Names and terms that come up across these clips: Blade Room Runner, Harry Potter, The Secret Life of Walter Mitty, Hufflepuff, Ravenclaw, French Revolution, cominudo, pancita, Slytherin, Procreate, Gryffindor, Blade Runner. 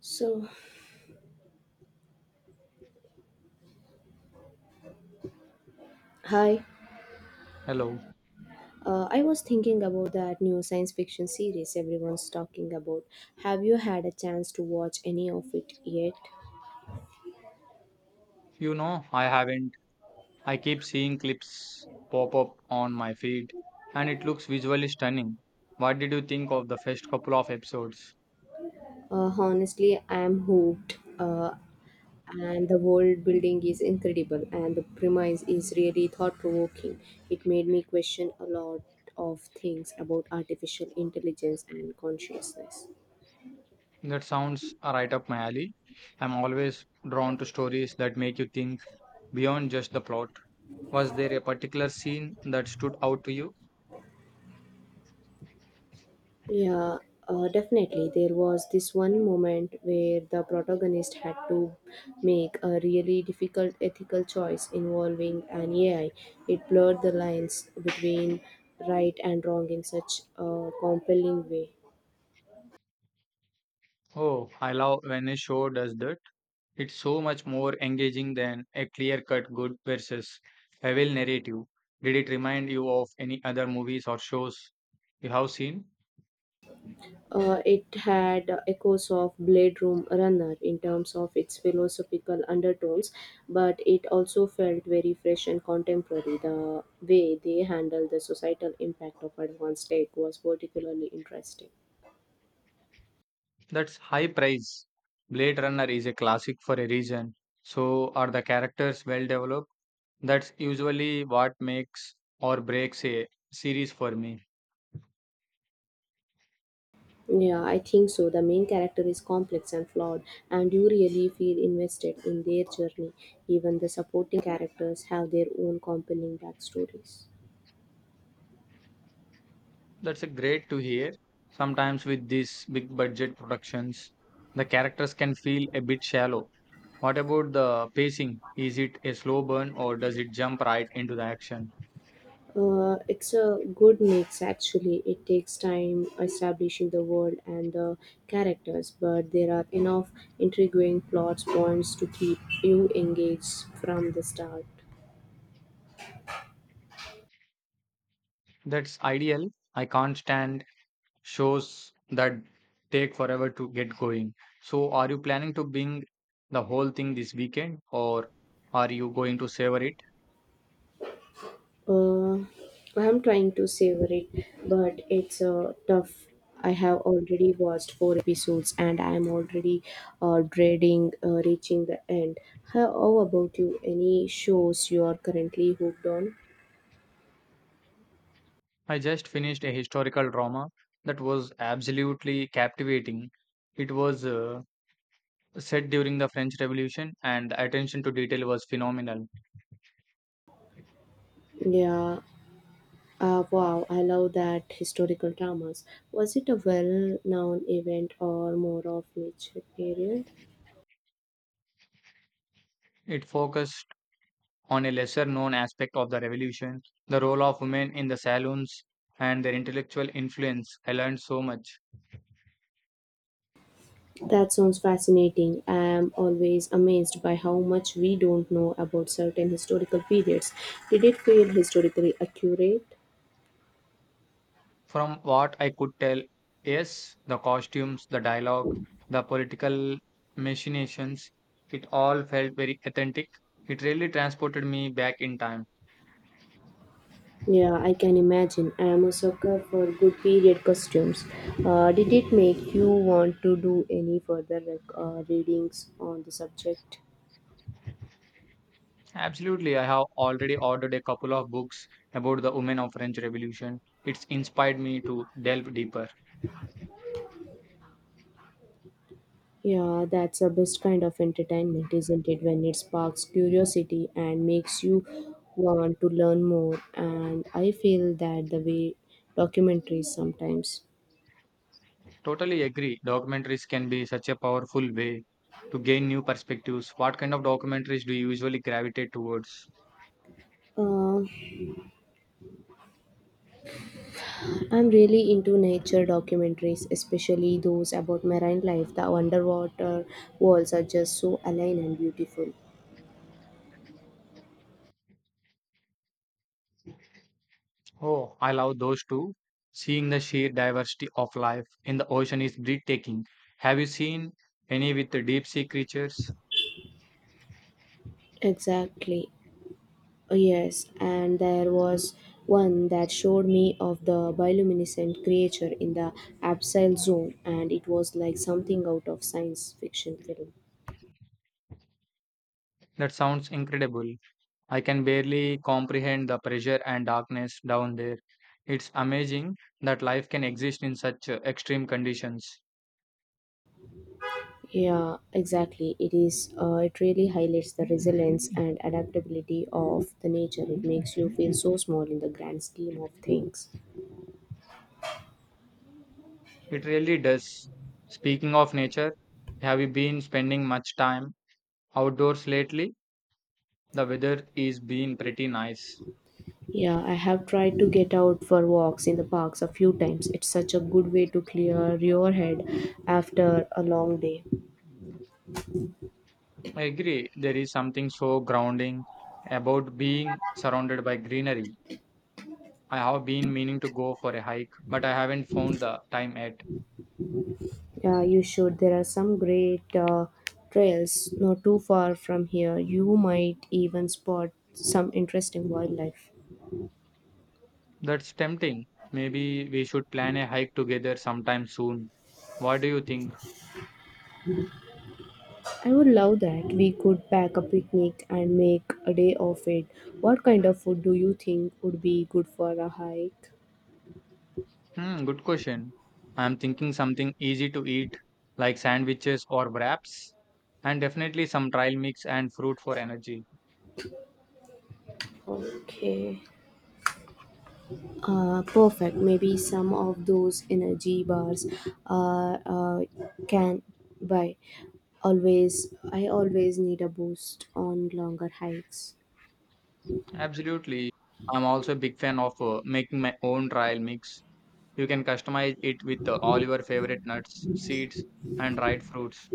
So, hi. Hello. I was thinking about that new science fiction series everyone's talking about. Have you had a chance to watch any of it yet? You know, I haven't. I keep seeing clips pop up on my feed and it looks visually stunning. What did you think of the first couple of episodes? Honestly, I am hooked. And the world building is incredible, and the premise is really thought provoking. It made me question a lot of things about artificial intelligence and consciousness. That sounds right up my alley. I'm always drawn to stories that make you think beyond just the plot. Was there a particular scene that stood out to you? Yeah, definitely. There was this one moment where the protagonist had to make a really difficult ethical choice involving an AI. It blurred the lines between right and wrong in such a compelling way. Oh, I love when a show does that. It's so much more engaging than a clear cut good versus evil narrative. Did it remind you of any other movies or shows you have seen? It had echoes of Blade Room Runner in terms of its philosophical undertones, but it also felt very fresh and contemporary. The way they handled the societal impact of advanced tech was particularly interesting. That's high praise. Blade Runner is a classic for a reason. So are the characters well developed? That's usually what makes or breaks a series for me. Yeah, I think so. The main character is complex and flawed, and you really feel invested in their journey. Even the supporting characters have their own compelling backstories. That's a great to hear. Sometimes with these big budget productions, the characters can feel a bit shallow. What about the pacing? Is it a slow burn or does it jump right into the action? It's a good mix actually. It takes time establishing the world and the characters, but there are enough intriguing plot points to keep you engaged from the start. That's ideal. I can't stand shows that take forever to get going. So, are you planning to binge the whole thing this weekend or are you going to savor it? Uh, I'm trying to savor it, but it's tough. I have already watched four episodes and I'm already dreading reaching the end. How about you? Any shows you are currently hooked on? I just finished a historical drama that was absolutely captivating. It was set during the French Revolution, and the attention to detail was phenomenal. Yeah, wow, I love that historical dramas. Was it a well known event or more of which period? It focused on a lesser known aspect of the revolution, the role of women in the saloons, and their intellectual influence. I learned so much. That sounds fascinating. I am always amazed by how much we don't know about certain historical periods. Did it feel historically accurate? From what I could tell, yes, the costumes, the dialogue, the political machinations, it all felt very authentic. It really transported me back in time. Yeah, I can imagine. I am a sucker for good period costumes. Did it make you want to do any further like, readings on the subject? Absolutely, I have already ordered a couple of books about the women of French Revolution. It's inspired me to delve deeper. Yeah, that's the best kind of entertainment, isn't it? When it sparks curiosity and makes you want to learn more. And I feel that the way documentaries sometimes. Totally agree. Documentaries can be such a powerful way to gain new perspectives. What kind of documentaries do you usually gravitate towards? Uh, I'm really into nature documentaries, especially those about marine life. The underwater worlds are just so alien and beautiful. Oh, I love those too. Seeing the sheer diversity of life in the ocean is breathtaking. Have you seen any with the deep sea creatures? Exactly. Oh, yes, and there was one that showed me of the bioluminescent creature in the abseil zone, and it was like something out of science fiction film. That sounds incredible. I can barely comprehend the pressure and darkness down there. It's amazing that life can exist in such extreme conditions. Yeah, exactly. It is. It really highlights the resilience and adaptability of the nature. It makes you feel so small in the grand scheme of things. It really does. Speaking of nature, have you been spending much time outdoors lately? The weather is been pretty nice. Yeah, I have tried to get out for walks in the parks a few times. It's such a good way to clear your head after a long day. I agree, there is something so grounding about being surrounded by greenery. I have been meaning to go for a hike, but I haven't found the time yet. Yeah, you should. There are some great trails not too far from here. You might even spot some interesting wildlife. That's tempting. Maybe we should plan a hike together sometime soon. What do you think? I would love that. We could pack a picnic and make a day of it. What kind of food do you think would be good for a hike? Hmm, good question. I'm thinking something easy to eat, like sandwiches or wraps, and definitely some trail mix and fruit for energy. Okay. Perfect. Maybe some of those energy bars uh, uh, can buy. Always, I always need a boost on longer hikes. Absolutely. I'm also a big fan of making my own trail mix. You can customize it with all your favorite nuts, seeds, and dried fruits.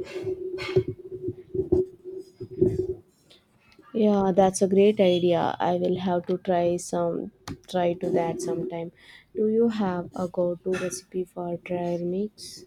Yeah, that's a great idea. I will have to try some try to that sometime. Do you have a go-to recipe for dry mix?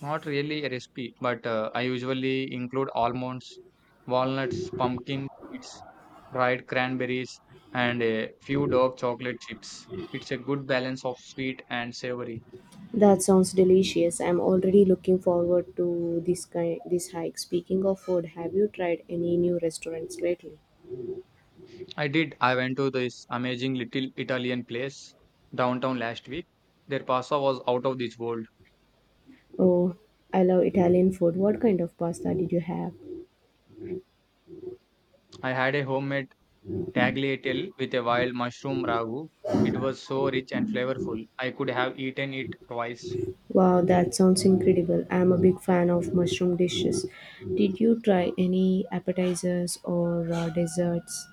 Not really a recipe, but I usually include almonds, walnuts, pumpkin seeds, dried cranberries, and a few dark chocolate chips. It's a good balance of sweet and savory. That sounds delicious. I'm already looking forward to this hike. Speaking of food, have you tried any new restaurants lately? I did. I went to this amazing little Italian place downtown last week. Their pasta was out of this world. Oh, I love Italian food. What kind of pasta did you have? I had a homemade tagliatelle with a wild mushroom ragu. It was so rich and flavorful. I could have eaten it twice. Wow, that sounds incredible. I'm a big fan of mushroom dishes. Did you try any appetizers or desserts?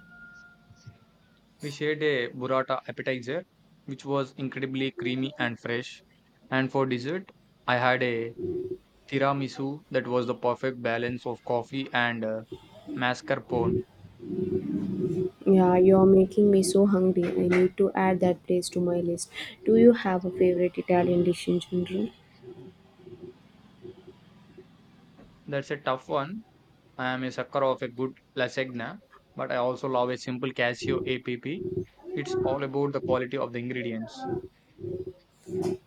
We shared a burrata appetizer, which was incredibly creamy and fresh. And for dessert, I had a tiramisu that was the perfect balance of coffee and mascarpone. Yeah, you're making me so hungry. I need to add that place to my list. Do you have a favorite Italian dish in general? That's a tough one. I am a sucker of a good lasagna, but I also love a simple Casio APP. It's all about the quality of the ingredients.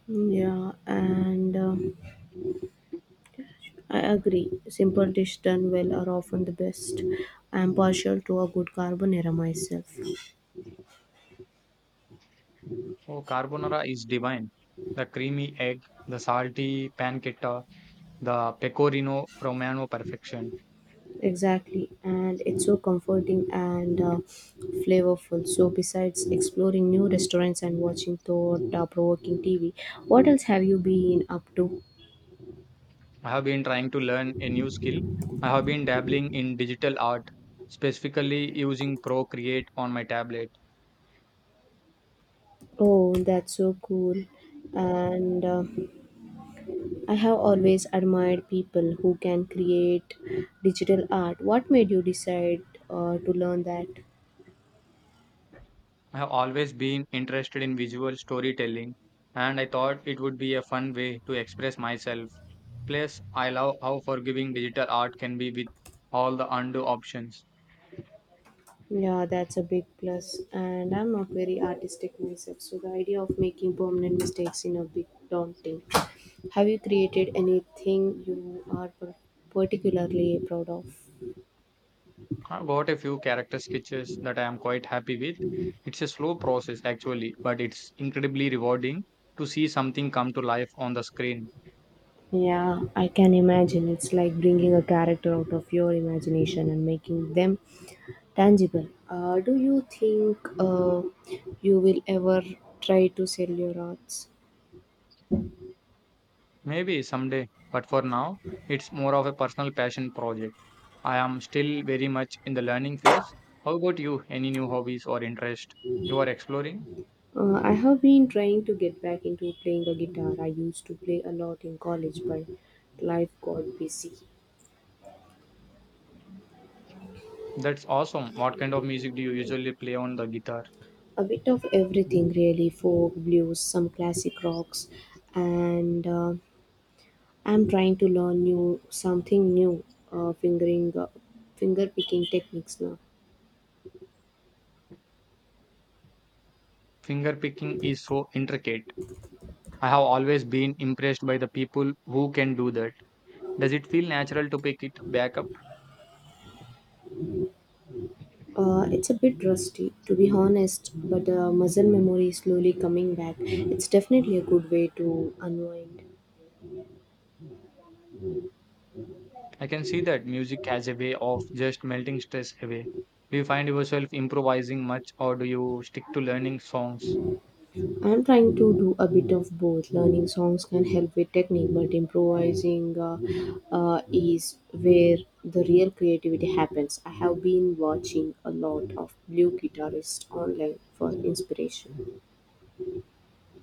Yeah, and I agree. Simple dish done well are often the best. I am partial to a good carbonara myself. Oh, carbonara is divine. The creamy egg, the salty pancetta, the pecorino romano perfection. Exactly, and it's so comforting and flavorful. So, besides exploring new restaurants and watching thought-provoking TV, what else have you been up to? I have been trying to learn a new skill. I have been dabbling in digital art, specifically using Procreate on my tablet. Oh, that's so cool. And I have always admired people who can create digital art. What made you decide to learn that? I have always been interested in visual storytelling, and I thought it would be a fun way to express myself. Plus, I love how forgiving digital art can be with all the undo options. Yeah, that's a big plus. And I'm not very artistic myself, so the idea of making permanent mistakes in a bit daunting. Have you created anything you are particularly proud of? I got a few character sketches that I am quite happy with. It's a slow process actually, but it's incredibly rewarding to see something come to life on the screen. Yeah, I can imagine. It's like bringing a character out of your imagination and making them tangible. Do you think you will ever try to sell your arts? Maybe someday, but for now, it's more of a personal passion project. I am still very much in the learning phase. How about you? Any new hobbies or interest you are exploring? I have been trying to get back into playing a guitar. I used to play a lot in college, but life got busy. That's awesome. What kind of music do you usually play on the guitar? A bit of everything, really folk, blues, some classic rocks, and I'm trying to learn new something new, uh, fingering, uh, finger picking techniques now. Finger picking is so intricate. I have always been impressed by the people who can do that. Does it feel natural to pick it back up? It's a bit rusty, to be honest, but muscle memory is slowly coming back. It's definitely a good way to unwind. I can see that music has a way of just melting stress away. Do you find yourself improvising much or do you stick to learning songs? I'm trying to do a bit of both. Learning songs can help with technique, but improvising is where the real creativity happens. I have been watching a lot of blue guitarists online for inspiration.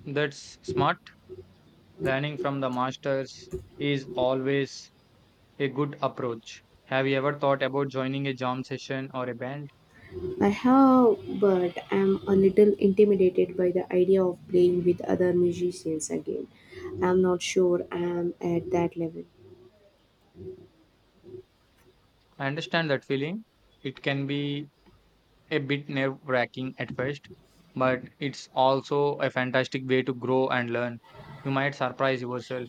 That's smart. Learning from the masters is always a good approach. Have you ever thought about joining a jam session or a band? I have, but I'm a little intimidated by the idea of playing with other musicians again. I'm not sure I'm at that level. I understand that feeling. It can be a bit nerve wracking at first, but it's also a fantastic way to grow and learn. You might surprise yourself.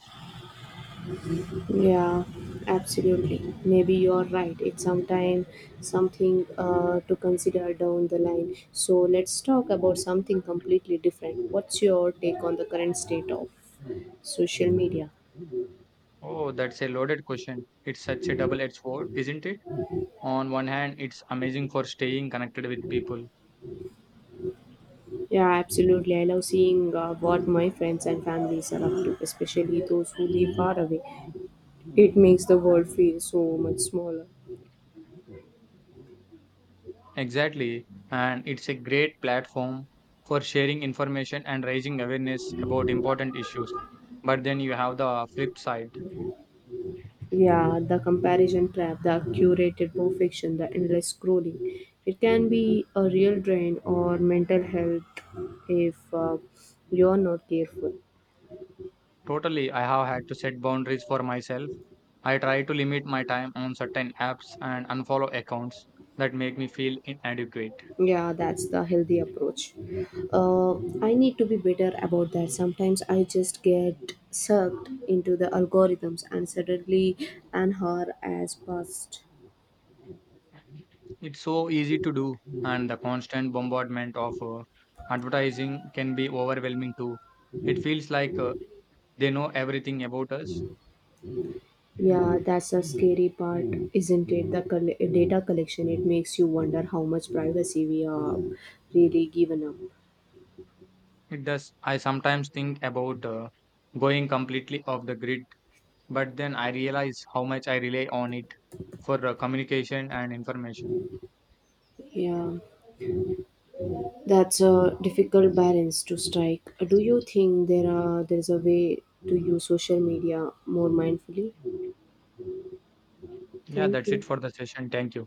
Yeah, absolutely. Maybe you're right. It's sometime something to consider down the line. So let's talk about something completely different. What's your take on the current state of social media? Oh, that's a loaded question. It's such a double edged sword, isn't it? On one hand, it's amazing for staying connected with people. Yeah, absolutely. I love seeing what my friends and families are up to, especially those who live far away. It makes the world feel so much smaller. Exactly. And it's a great platform for sharing information and raising awareness about important issues. But then you have the flip side. Yeah, the comparison trap, the curated perfection, the endless scrolling. It can be a real drain or mental health if you're not careful. Totally, I have had to set boundaries for myself. I try to limit my time on certain apps and unfollow accounts that make me feel inadequate. Yeah, that's the healthy approach. Uh, I need to be better about that. Sometimes I just get sucked into the algorithms and suddenly an hour has passed. It's so easy to do, and the constant bombardment of advertising can be overwhelming too. It feels like they know everything about us. Yeah, that's a scary part, isn't it? The data collection, it makes you wonder how much privacy we are really given up. It does. I sometimes think about going completely off the grid, but then I realize how much I rely on it for communication and information. Yeah, that's a difficult balance to strike. Do you think there is a way to use social media more mindfully? Yeah, Thank that's it you. for the session. Thank you.